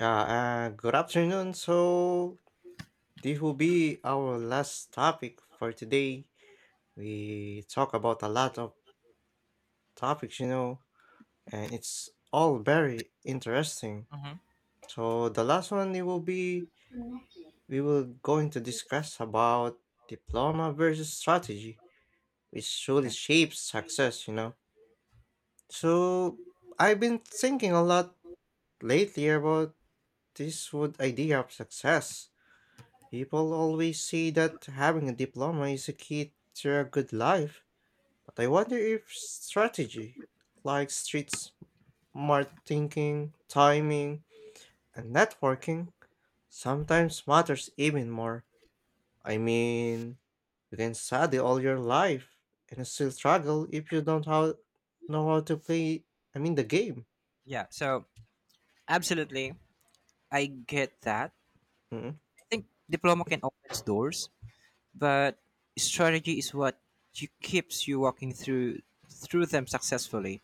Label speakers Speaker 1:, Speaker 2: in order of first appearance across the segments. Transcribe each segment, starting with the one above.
Speaker 1: Yeah, good afternoon. So, this will be our last topic for today. We talk about a lot of topics, you know, and it's all very interesting.
Speaker 2: Mm-hmm.
Speaker 1: So, the last one it will be we will going to discuss about diploma versus strategy, which truly
Speaker 2: Okay.
Speaker 1: shapes success, you know. So, I've been thinking a lot lately about this would idea of success. People always say that having a diploma is a key to a good life, but I wonder if strategy, like street smart thinking, timing, and networking, sometimes matters even more. I mean, you can study all your life and still struggle if you don't how, know how to play, I mean, the game.
Speaker 2: Yeah. So absolutely, I get that.
Speaker 1: mm
Speaker 2: I think diploma can open doors, but strategy is what you keeps you walking through them successfully.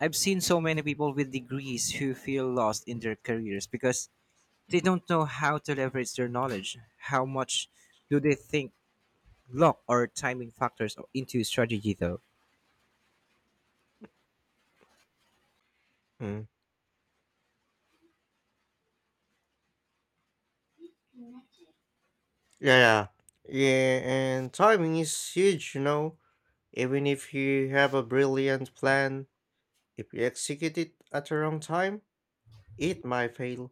Speaker 2: I've seen so many people with degrees who feel lost in their careers because they don't know how to leverage their knowledge. How much do they think luck or timing factors into strategy though?
Speaker 1: mm. Yeah, yeah, yeah, and timing is huge, you know. Even if you have a brilliant plan, if you execute it at the wrong time, it might fail.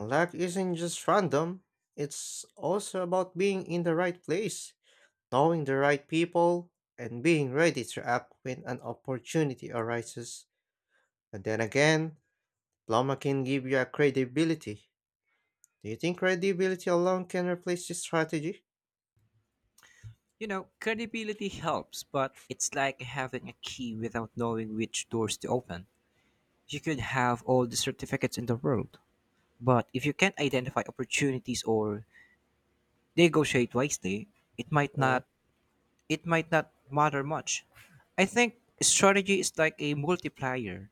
Speaker 1: Luck isn't just random, it's also about being in the right place, knowing the right people, and being ready to act when an opportunity arises. But then again, Pluma can give you a credibility. Do you think credibility alone can replace this strategy?
Speaker 2: You know, credibility helps, but it's like having a key without knowing which doors to open. You could have all the certificates in the world, but if you can't identify opportunities or negotiate wisely, it might
Speaker 1: Mm.
Speaker 2: not it might not matter much. I think strategy is like a multiplier.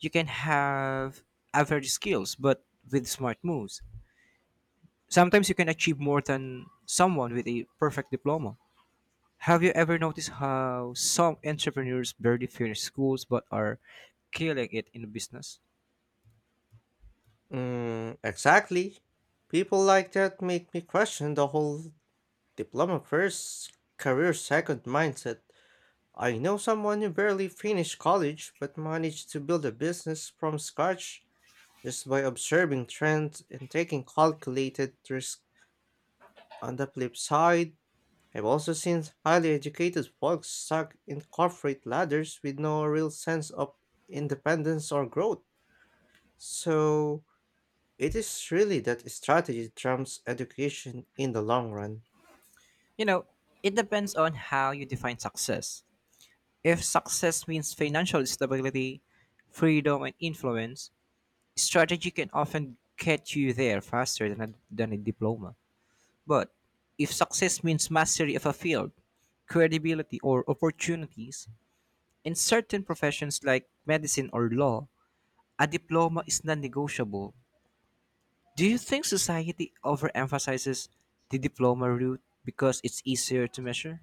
Speaker 2: You can have average skills, but with smart moves. Sometimes you can achieve more than someone with a perfect diploma. Have you ever noticed how some entrepreneurs barely finish schools but are killing it in business?
Speaker 1: Mm, exactly. People like that make me question the whole diploma first, career second mindset. I know someone who barely finished college but managed to build a business from scratch just by observing trends and taking calculated risks. On the flip side, I've also seen highly educated folks stuck in corporate ladders with no real sense of independence or growth. So, it is really that strategy trumps education in the long run.
Speaker 2: You know, it depends on how you define success. If success means financial stability, freedom, and influence, strategy can often get you there faster than a diploma. But if success means mastery of a field, credibility, or opportunities, in certain professions like medicine or law, a diploma is non negotiable. Do you think society overemphasizes the diploma route because it's easier to measure?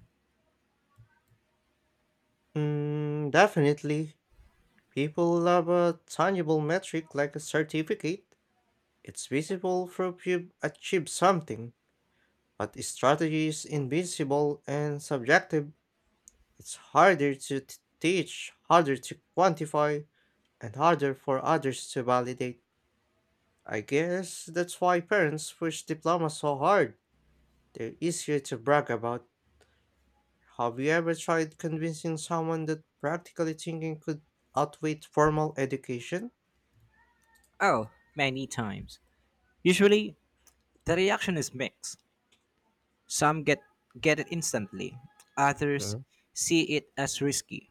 Speaker 1: Mm, definitely. People love a tangible metric like a certificate. It's visible through you achieve something, but strategy is invisible and subjective. It's harder to teach, harder to quantify, and harder for others to validate. I guess that's why parents push diploma so hard. They're easier to brag about. Have you ever tried convincing someone that practically thinking could outweigh formal education?
Speaker 2: Oh, many times. Usually, the reaction is mixed. Some get it instantly, others
Speaker 1: Mhm.
Speaker 2: see it as risky.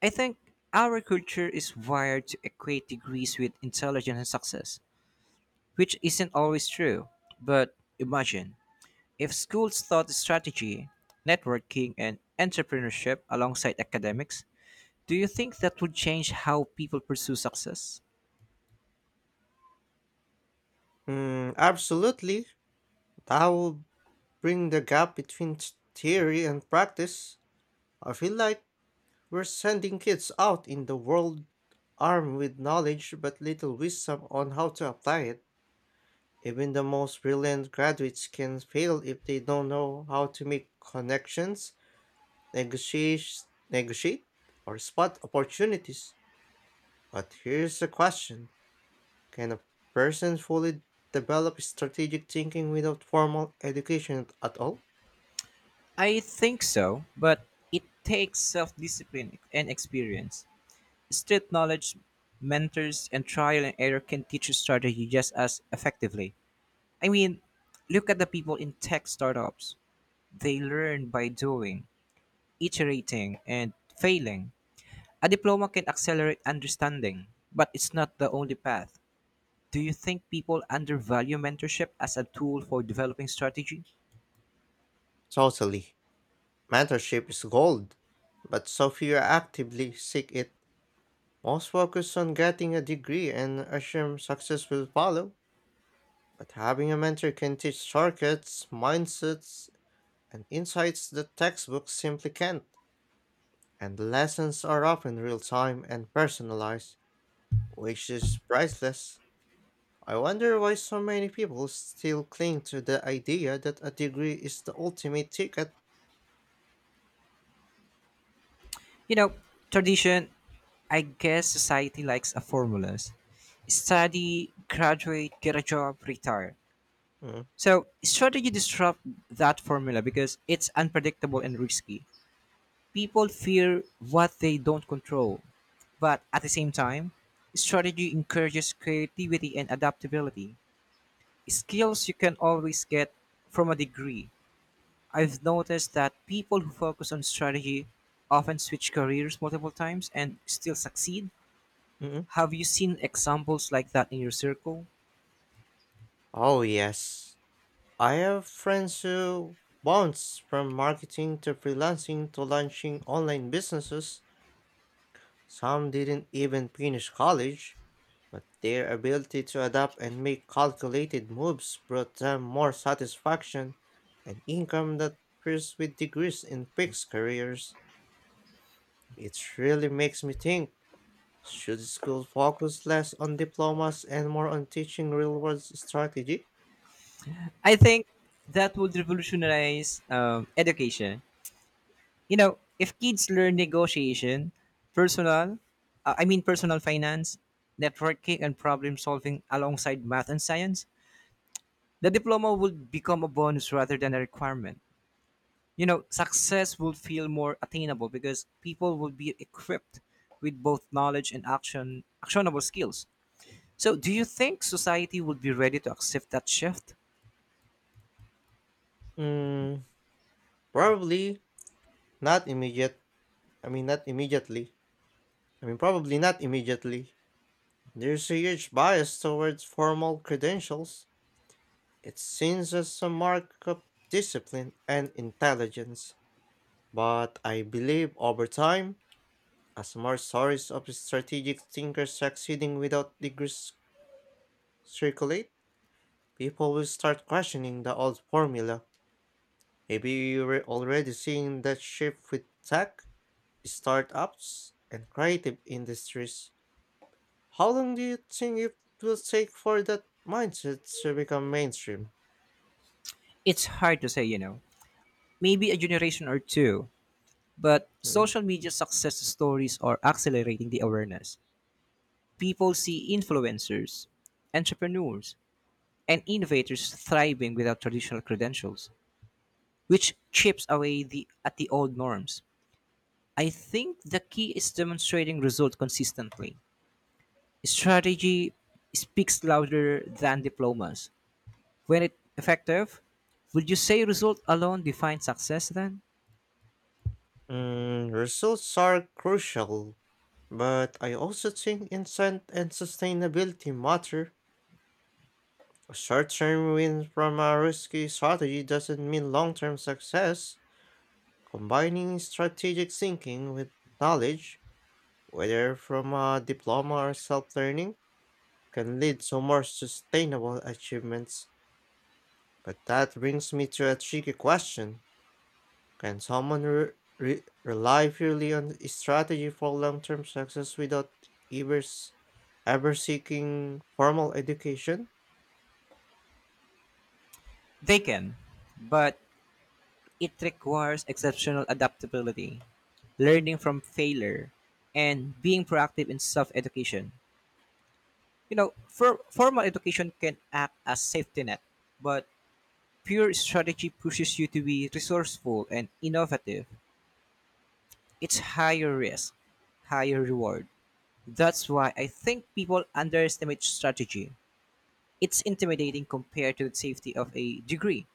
Speaker 2: I think our culture is wired to equate degrees with intelligence and success, which isn't always true. But imagine if schools taught strategy, networking, and entrepreneurship alongside academics, do you think that would change how people pursue success?
Speaker 1: Mm, absolutely. That would bring the gap between theory and practice. I feel like we're sending kids out in the world armed with knowledge but little wisdom on how to apply it. Even the most brilliant graduates can fail if they don't know how to make connections, negotiate, or spot opportunities. But here's the question. Can a person fully develop strategic thinking without formal education at all?
Speaker 2: I think so, but it takes self discipline and experience. Street knowledge, mentors, and trial and error can teach you strategy just as effectively. I mean, look at the people in tech startups. They learn by doing, iterating, and failing. A diploma can accelerate understanding, but it's not the only path. Do you think people undervalue mentorship as a tool for developing strategy?
Speaker 1: Totally. Mentorship is gold, but so few actively seek it. Most focus on getting a degree and assume success will follow. But having a mentor can teach shortcuts, mindsets, and insights that textbooks simply can't. And lessons are often real time and personalized, which is priceless. I wonder why so many people still cling to the idea that a degree is the ultimate ticket.
Speaker 2: You know, tradition, I guess society likes a formulas. Study, graduate, get a job, retire.
Speaker 1: Mm,
Speaker 2: So strategy disrupt that formula because it's unpredictable and risky. People fear what they don't control. But at the same time, strategy encourages creativity and adaptability. Skills you can always get from a degree. I've noticed that people who focus on strategy often switch careers multiple times and still succeed.
Speaker 1: mm.
Speaker 2: Have you seen examples like that in your circle?
Speaker 1: Oh, yes. I have friends who bounced from marketing to freelancing to launching online businesses. Some didn't even finish college, but their ability to adapt and make calculated moves brought them more satisfaction and income than peers with degrees in fixed careers. It really makes me think, should school focus less on diplomas and more on teaching real world strategy?
Speaker 2: I think that would revolutionize education. You know, if kids learn negotiation, personal, I mean personal finance, networking, and problem solving alongside math and science, the diploma would become a bonus rather than a requirement. You know, success would feel more attainable because people would be equipped with both knowledge and actionable skills. So, do you think society would be ready to accept that shift?
Speaker 1: Mm, probably not immediate I mean, not immediately. I mean, probably not immediately. There's a huge bias towards formal credentials. It seems as a mark of discipline and intelligence. But I believe over time, as more stories of strategic thinkers succeeding without degrees circulate, people will start questioning the old formula. Maybe you're already seeing that shift with tech, startups, and creative industries. How long do you think it will take for that mindset to become mainstream?
Speaker 2: It's hard to say, you know. Maybe a generation or two. But
Speaker 1: Mm.
Speaker 2: social media success stories are accelerating the awareness. People see influencers, entrepreneurs, and innovators thriving without traditional credentials, which chips away at the old norms. I think the key is demonstrating results consistently. Strategy speaks louder than diplomas. When it effective, would you say result alone defines success then?
Speaker 1: Mm, results are crucial, but I also think insight and sustainability matter. A short term win from a risky strategy doesn't mean long term success. Combining strategic thinking with knowledge, whether from a diploma or self learning, can lead to more sustainable achievements. But that brings me to a tricky question. Can someone rely purely on a strategy for long term success without ever, s- ever seeking formal education?
Speaker 2: They can, but it requires exceptional adaptability, learning from failure, and being proactive in self education. You know, formal education can act as safety net, but pure strategy pushes you to be resourceful and innovative. It's higher risk, higher reward. That's why I think people underestimate strategy. It's intimidating compared to the safety of a degree.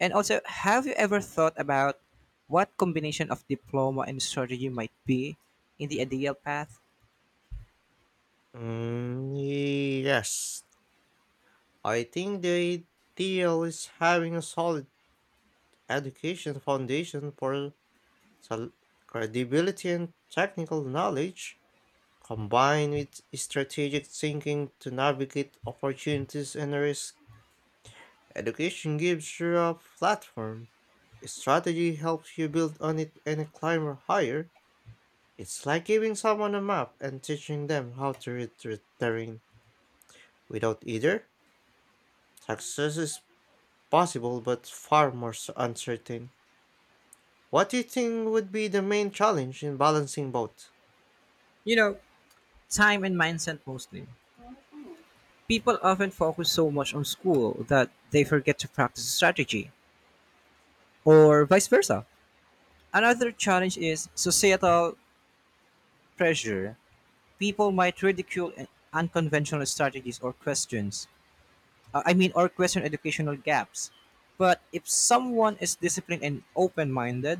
Speaker 2: And also, have you ever thought about what combination of diploma and strategy might be in the ideal path?
Speaker 1: Mm, yes. I think the ideal is having a solid education foundation for sol- credibility and technical knowledge, combined with strategic thinking to navigate opportunities and risks. Education gives you a platform. A strategy helps you build on it and climb higher. It's like giving someone a map and teaching them how to read the terrain. Without either, success is possible but far more uncertain. What do you think would be the main challenge in balancing both?
Speaker 2: You know, time and mindset mostly. People often focus so much on school that they forget to practice strategy, or vice versa. Another challenge is societal pressure. People might ridicule unconventional strategies or question educational gaps. But if someone is disciplined and open minded,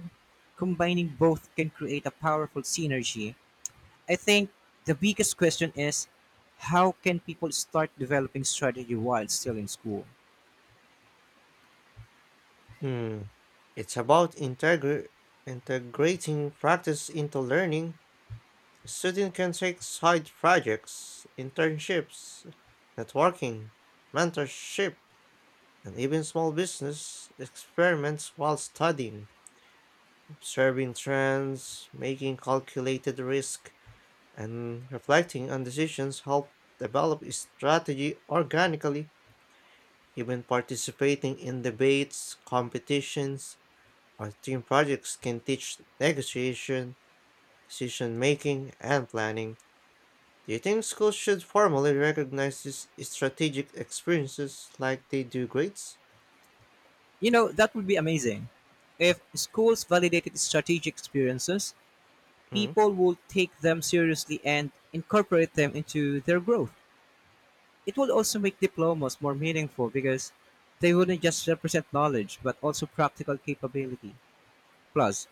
Speaker 2: combining both can create a powerful synergy. I think the biggest question is how can people start developing strategy while still in school?
Speaker 1: Hmm, it's about integrating practice into learning. Students can take side projects, internships, networking, mentorship, and even small business experiments while studying, observing trends, making calculated risk, and reflecting on decisions help develop a strategy organically. Even participating in debates, competitions, or team projects can teach negotiation, decision making, and planning. Do you think schools should formally recognize these strategic experiences like they do grades?
Speaker 2: You know, that would be amazing. If schools validated strategic experiences,
Speaker 1: Mm.
Speaker 2: people would take them seriously and incorporate them into their growth. It would also make diplomas more meaningful because they wouldn't just represent knowledge but also practical capability. Plus,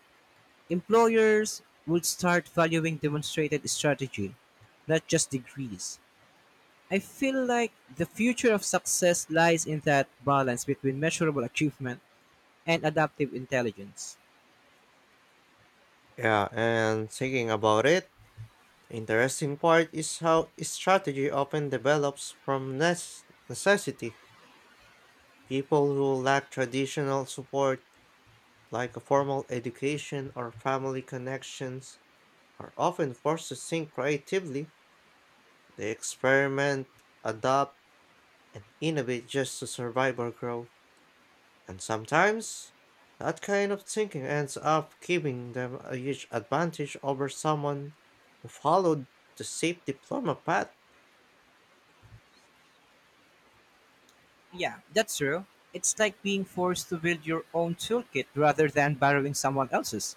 Speaker 2: employers would start valuing demonstrated strategy, not just degrees. I feel like the future of success lies in that balance between measurable achievement and adaptive intelligence.
Speaker 1: Yeah, and thinking about it, the interesting part is how strategy often develops from necessity. People who lack traditional support, like a formal education or family connections, are often forced to think creatively. They experiment, adapt, and innovate just to survive or grow. And sometimes, that kind of thinking ends up giving them a huge advantage over someone who followed the safe diploma path.
Speaker 2: Yeah, that's true. It's like being forced to build your own toolkit rather than borrowing someone else's.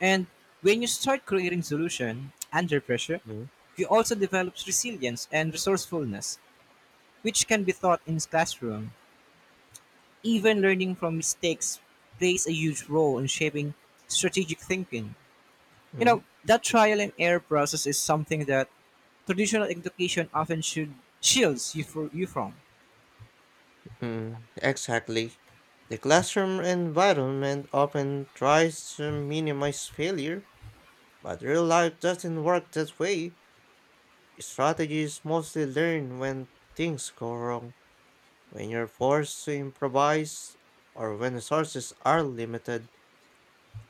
Speaker 2: And when you start creating solution under pressure,
Speaker 1: Mm,
Speaker 2: you also develop resilience and resourcefulness, which can be taught in classroom. Even learning from mistakes plays a huge role in shaping strategic thinking. You
Speaker 1: mm.
Speaker 2: know, that trial and error process is something that traditional education often should shields you, you from.
Speaker 1: Mm, exactly. The classroom environment often tries to minimize failure, but real life doesn't work that way. Strategies mostly learn when things go wrong, when you're forced to improvise, or when resources are limited.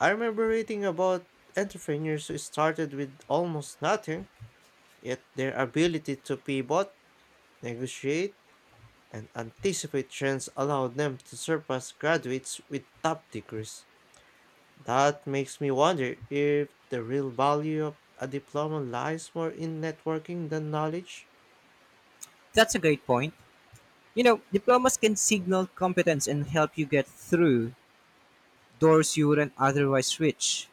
Speaker 1: I remember reading about entrepreneurs who started with almost nothing, yet their ability to pivot, negotiate, and anticipate trends allow them to surpass graduates with top degrees. That makes me wonder if the real value of a diploma lies more in networking than knowledge.
Speaker 2: That's a great point. You know, diplomas can signal competence and help you get through doors you wouldn't otherwise reach.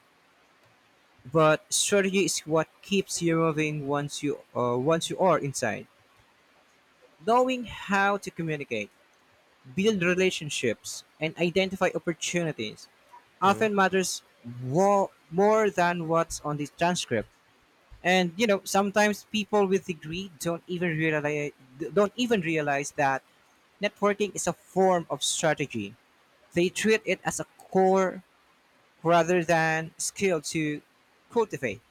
Speaker 2: But strategy is what keeps you moving once you are inside. Knowing how to communicate, build relationships, and identify opportunities
Speaker 1: Mm.
Speaker 2: often matters more than what's on the transcript. And you know, sometimes people with degree don't even realize that networking is a form of strategy. They treat it as a core rather than skill to cultivate.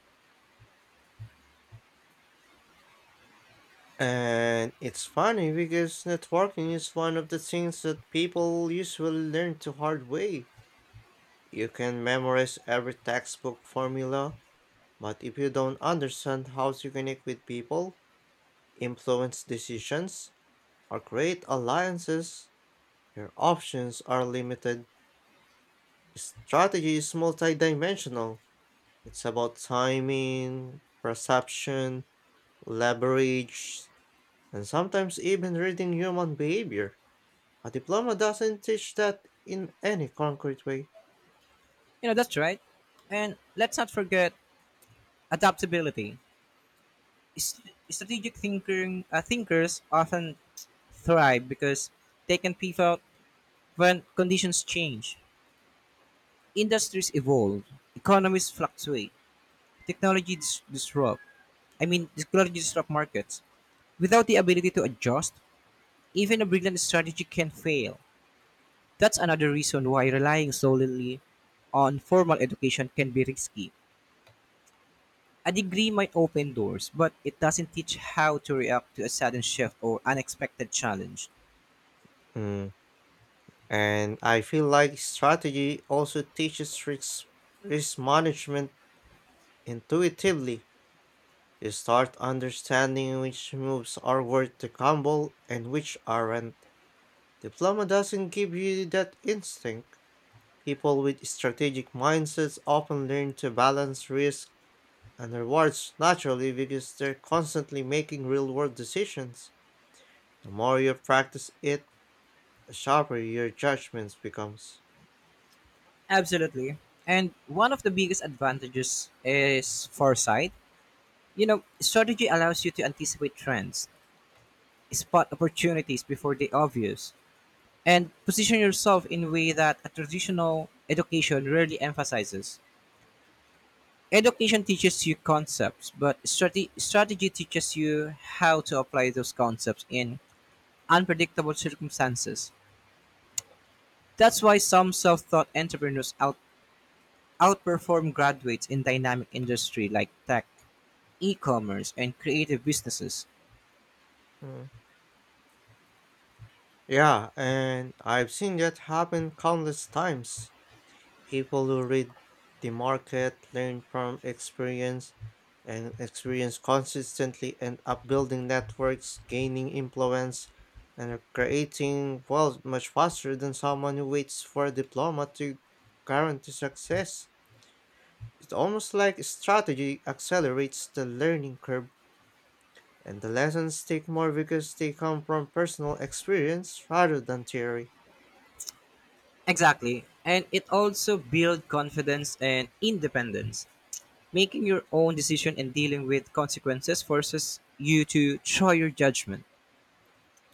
Speaker 1: And it's funny because networking is one of the things that people usually learn the hard way. You can memorize every textbook formula, but if you don't understand how to connect with people, influence decisions, or create alliances, your options are limited. Strategy is multidimensional. It's about timing, perception, leverage, and sometimes even reading human behavior. A diploma doesn't teach that in any concrete way.
Speaker 2: You know, that's right. And let's not forget adaptability. S- Strategic thinkers often thrive because they can pivot when conditions change. Industries evolve, economies fluctuate, technology dis- disrupt. I mean, technology disrupt markets. Without the ability to adjust, even a brilliant strategy can fail. That's another reason why relying solely on formal education can be risky. A degree might open doors, but it doesn't teach how to react to a sudden shift or unexpected challenge.
Speaker 1: Mm. And I feel like strategy also teaches risk management intuitively. You start understanding which moves are worth the gamble and which aren't. Diploma doesn't give you that instinct. People with strategic mindsets often learn to balance risk and rewards naturally because they're constantly making real world decisions. The more you practice it, the sharper your judgments becomes.
Speaker 2: Absolutely. And one of the biggest advantages is foresight. You know, strategy allows you to anticipate trends, spot opportunities before they obvious, and position yourself in a way that a traditional education rarely emphasizes. Education teaches you concepts, but strategy teaches you how to apply those concepts in unpredictable circumstances. That's why some self-taught entrepreneurs outperform graduates in dynamic industry like tech, e-commerce, and creative businesses.
Speaker 1: Hmm. Yeah, and I've seen that happen countless times. People who read the market, learn from experience, and experience consistently end up building networks, gaining influence, and creating wealth much faster than someone who waits for a diploma to guarantee success. It's almost like strategy accelerates the learning curve, and the lessons take more because they come from personal experience rather than theory.
Speaker 2: Exactly. And it also builds confidence and independence. Making your own decision and dealing with consequences forces you to try your judgment.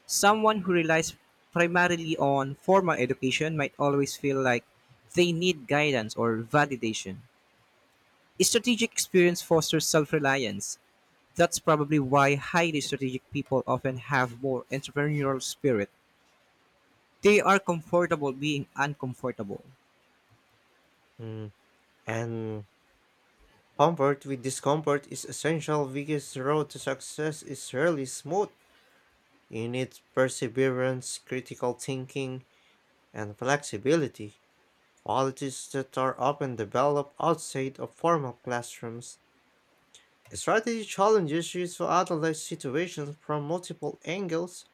Speaker 2: Someone who relies primarily on formal education might always feel like they need guidance or validation. Strategic experience fosters self reliance. That's probably why highly strategic people often have more entrepreneurial spirit. They are comfortable being uncomfortable.
Speaker 1: Hmm. And comfort with discomfort is essential because the road to success is rarely smooth. You need perseverance, critical thinking, and flexibility, qualities that are often developed outside of formal classrooms. Strategy challenges you to analyze situations from multiple angles,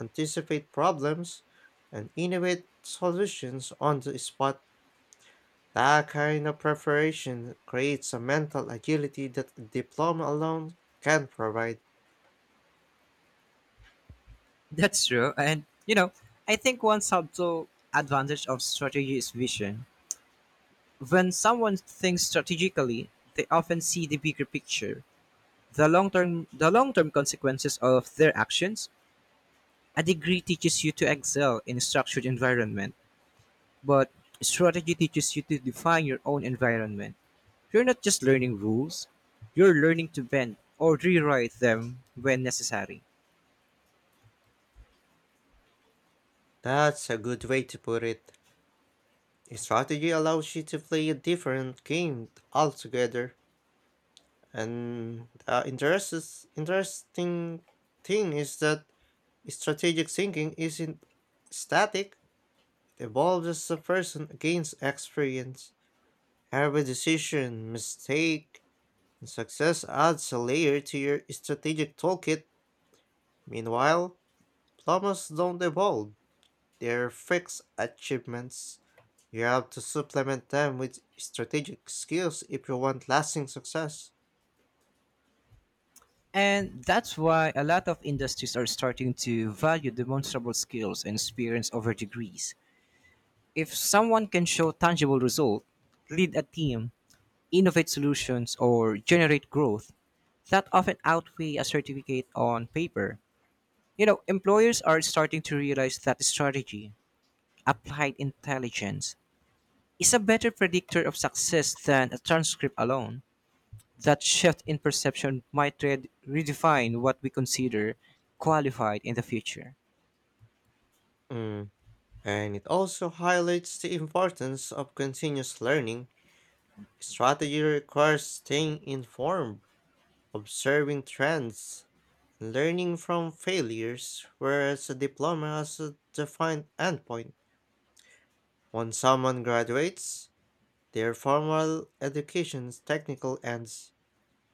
Speaker 1: anticipate problems, and innovate solutions on the spot. That kind of preparation creates a mental agility that a diploma alone can provide.
Speaker 2: That's true. And, you know, I think one subtle advantage of strategy is vision. When someone thinks strategically, they often see the bigger picture, the long-term consequences of their actions. A degree teaches you to excel in a structured environment, but strategy teaches you to define your own environment. You're not just learning rules, you're learning to bend or rewrite them when necessary.
Speaker 1: That's a good way to put it. A strategy allows you to play a different game altogether. And the interesting thing is that strategic thinking isn't static, it evolves as a person gains experience. Every decision, mistake, and success adds a layer to your strategic toolkit. Meanwhile, plumbers don't evolve, their fixed achievements. You have to supplement them with strategic skills if you want lasting success.
Speaker 2: And that's why a lot of industries are starting to value demonstrable skills and experience over degrees. If someone can show tangible results, lead a team, innovate solutions, or generate growth, that often outweigh a certificate on paper. You know, employers are starting to realize that strategy, applied intelligence, is a better predictor of success than a transcript alone. That shift in perception might redefine what we consider qualified in the future.
Speaker 1: Mm. And it also highlights the importance of continuous learning. Strategy requires staying informed, observing trends, and learning from failures, whereas a diploma has a defined endpoint. When someone graduates, their formal education's technical ends.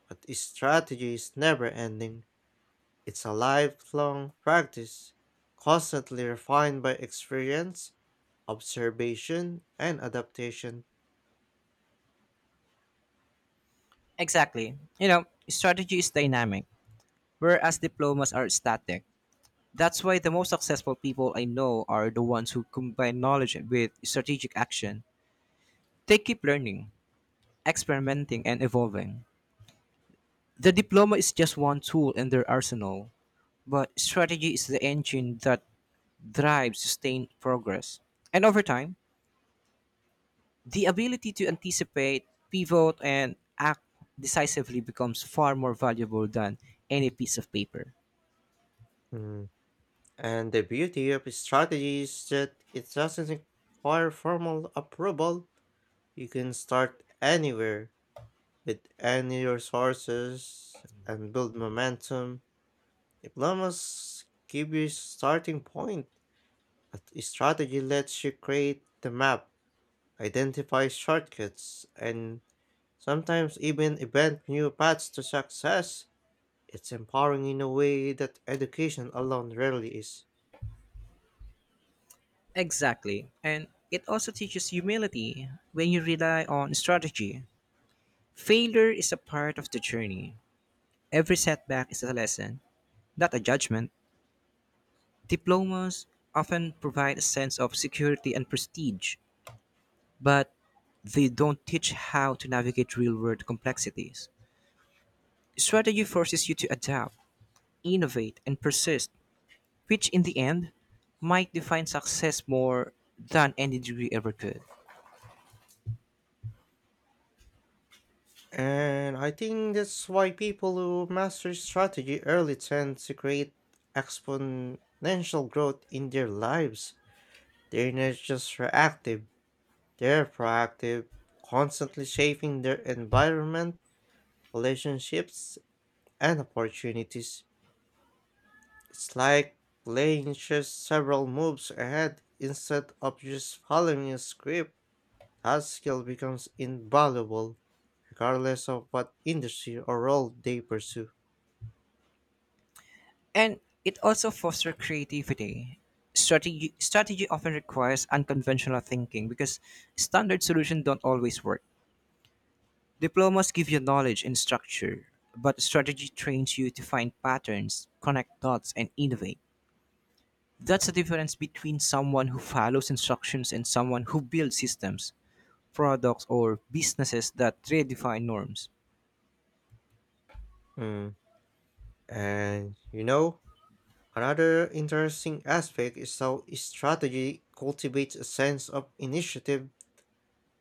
Speaker 1: But strategy is never ending. It's a lifelong practice, constantly refined by experience, observation, and adaptation.
Speaker 2: Exactly. You know, strategy is dynamic, whereas diplomas are static. That's why the most successful people I know are the ones who combine knowledge with strategic action. They keep learning, experimenting, and evolving. The diploma is just one tool in their arsenal, but strategy is the engine that drives sustained progress. And over time, the ability to anticipate, pivot, and act decisively becomes far more valuable than any piece of paper.
Speaker 1: Mm. And the beauty of strategy is that it doesn't require formal approval. You can start anywhere with any resources and build momentum. Diplomas give you starting point, but strategy lets you create the map, identify shortcuts, and sometimes even invent new paths to success. It's empowering in a way that education alone rarely is.
Speaker 2: Exactly. And it also teaches humility when you rely on strategy. Failure is a part of the journey. Every setback is a lesson, not a judgment. Diplomas often provide a sense of security and prestige, but they don't teach how to navigate real world complexities. Strategy forces you to adapt, innovate, and persist, which in the end might define success more than any degree ever could.
Speaker 1: And I think that's why people who master strategy early tend to create exponential growth in their lives. They're not just reactive, they're proactive, constantly shaping their environment, relationships, and opportunities. It's like playing chess several moves ahead instead of just following a script. That skill becomes invaluable regardless of what industry or role they pursue.
Speaker 2: And it also fosters creativity. Strategy often requires unconventional thinking because standard solutions don't always work. Diplomas give you knowledge and structure, but strategy trains you to find patterns, connect dots, and innovate. That's the difference between someone who follows instructions and someone who builds systems, products, or businesses that redefine norms.
Speaker 1: Mm. And you know, another interesting aspect is how strategy cultivates a sense of initiative.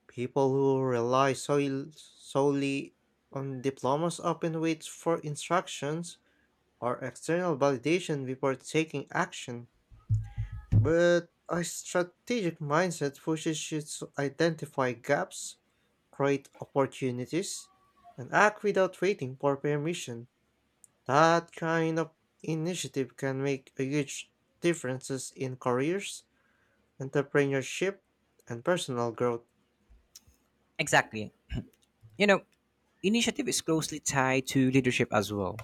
Speaker 1: People who rely solely on diplomas often wait for instructions or external validation before taking action. But a strategic mindset pushes you to identify gaps, create opportunities, and act without waiting for permission. That kind of initiative can make a huge differences in careers, entrepreneurship, and personal growth.
Speaker 2: Exactly. You know, initiative is closely tied to leadership as well.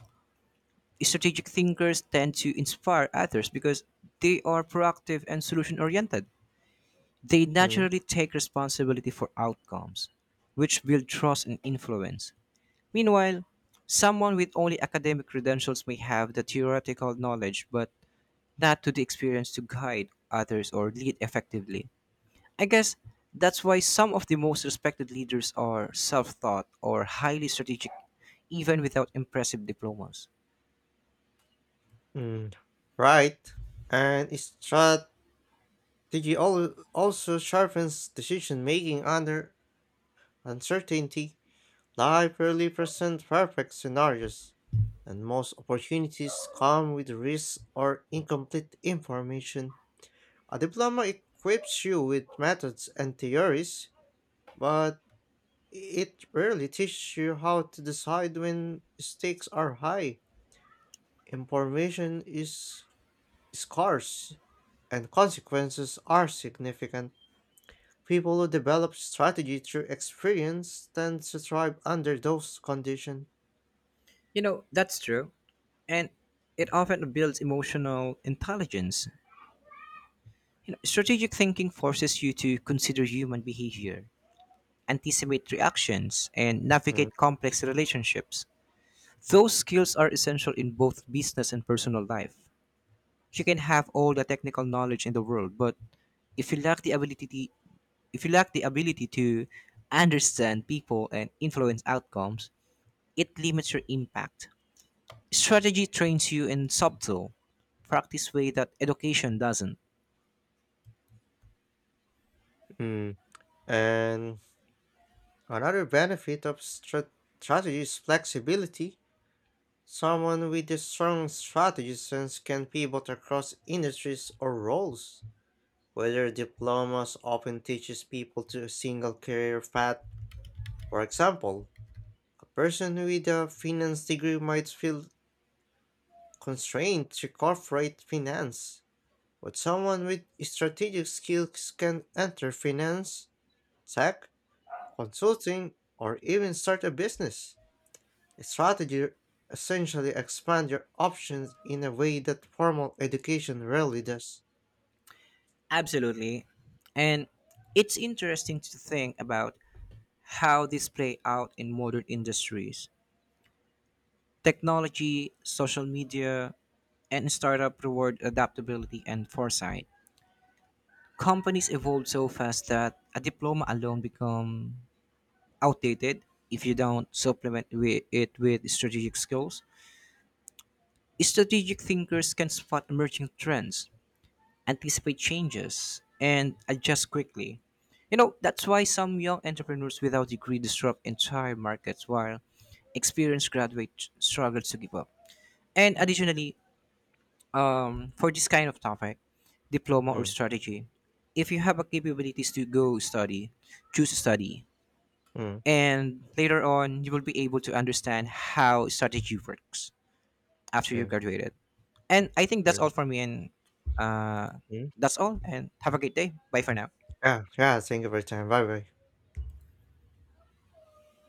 Speaker 2: Strategic thinkers tend to inspire others because they are proactive and solution oriented. They
Speaker 1: Mm,
Speaker 2: naturally take responsibility for outcomes, which build trust and influence. Meanwhile, someone with only academic credentials may have the theoretical knowledge but not to the experience to guide others or lead effectively. I guess that's why some of the most respected leaders are self taught or highly strategic, even without impressive diplomas.
Speaker 1: mm, right. And strategy also sharpens decision making under uncertainty. Life rarely presents perfect scenarios, and most opportunities come with risks or incomplete information. A diploma equips you with methods and theories, but it rarely teaches you how to decide when stakes are high. Information is scarce, and consequences are significant. People who develop strategy through experience tend to thrive under those conditions.
Speaker 2: You know, that's true. And it often builds emotional intelligence. You know, strategic thinking forces you to consider human behavior, anticipate reactions, and
Speaker 1: Mm.
Speaker 2: navigate complex relationships. Those skills are essential in both business and personal life. You can have all the technical knowledge in the world, but if you lack the ability if you lack the ability to understand people and influence outcomes, it limits your impact. Strategy trains you in subtle, practice way that education doesn't.
Speaker 1: Mm. And another benefit of strategy is flexibility. Someone with a strong strategy sense can pivot across industries or roles. Whether diplomas often teaches people to a single career path. For example, a person with a finance degree might feel constrained to corporate finance, but someone with strategic skills can enter finance, tech, consulting, or even start a business. The strategy essentially expands your options in a way that formal education rarely does.
Speaker 2: Absolutely. And it's interesting to think about how this play out in modern industries. Technology, social media, and startup reward adaptability and foresight. Companies evolve so fast that a diploma alone become outdated if you don't supplement it with strategic skills. Strategic thinkers can spot emerging trends, anticipate changes, and adjust quickly. You know, that's why some young entrepreneurs without degree disrupt entire markets while experienced graduates struggle to give up. And
Speaker 1: Mm,
Speaker 2: additionally, for this kind of topic, diploma or
Speaker 1: mm,
Speaker 2: strategy, if you have a capabilities to go study, choose to study.
Speaker 1: mm,
Speaker 2: And later on you will be able to understand how strategy works after you
Speaker 1: true,
Speaker 2: graduated. And I think that's
Speaker 1: true.
Speaker 2: all for me. And uh,
Speaker 1: Mm.
Speaker 2: that's all. And have a great day. Bye for now.
Speaker 1: Yeah, yeah, thank you for your time. Bye bye.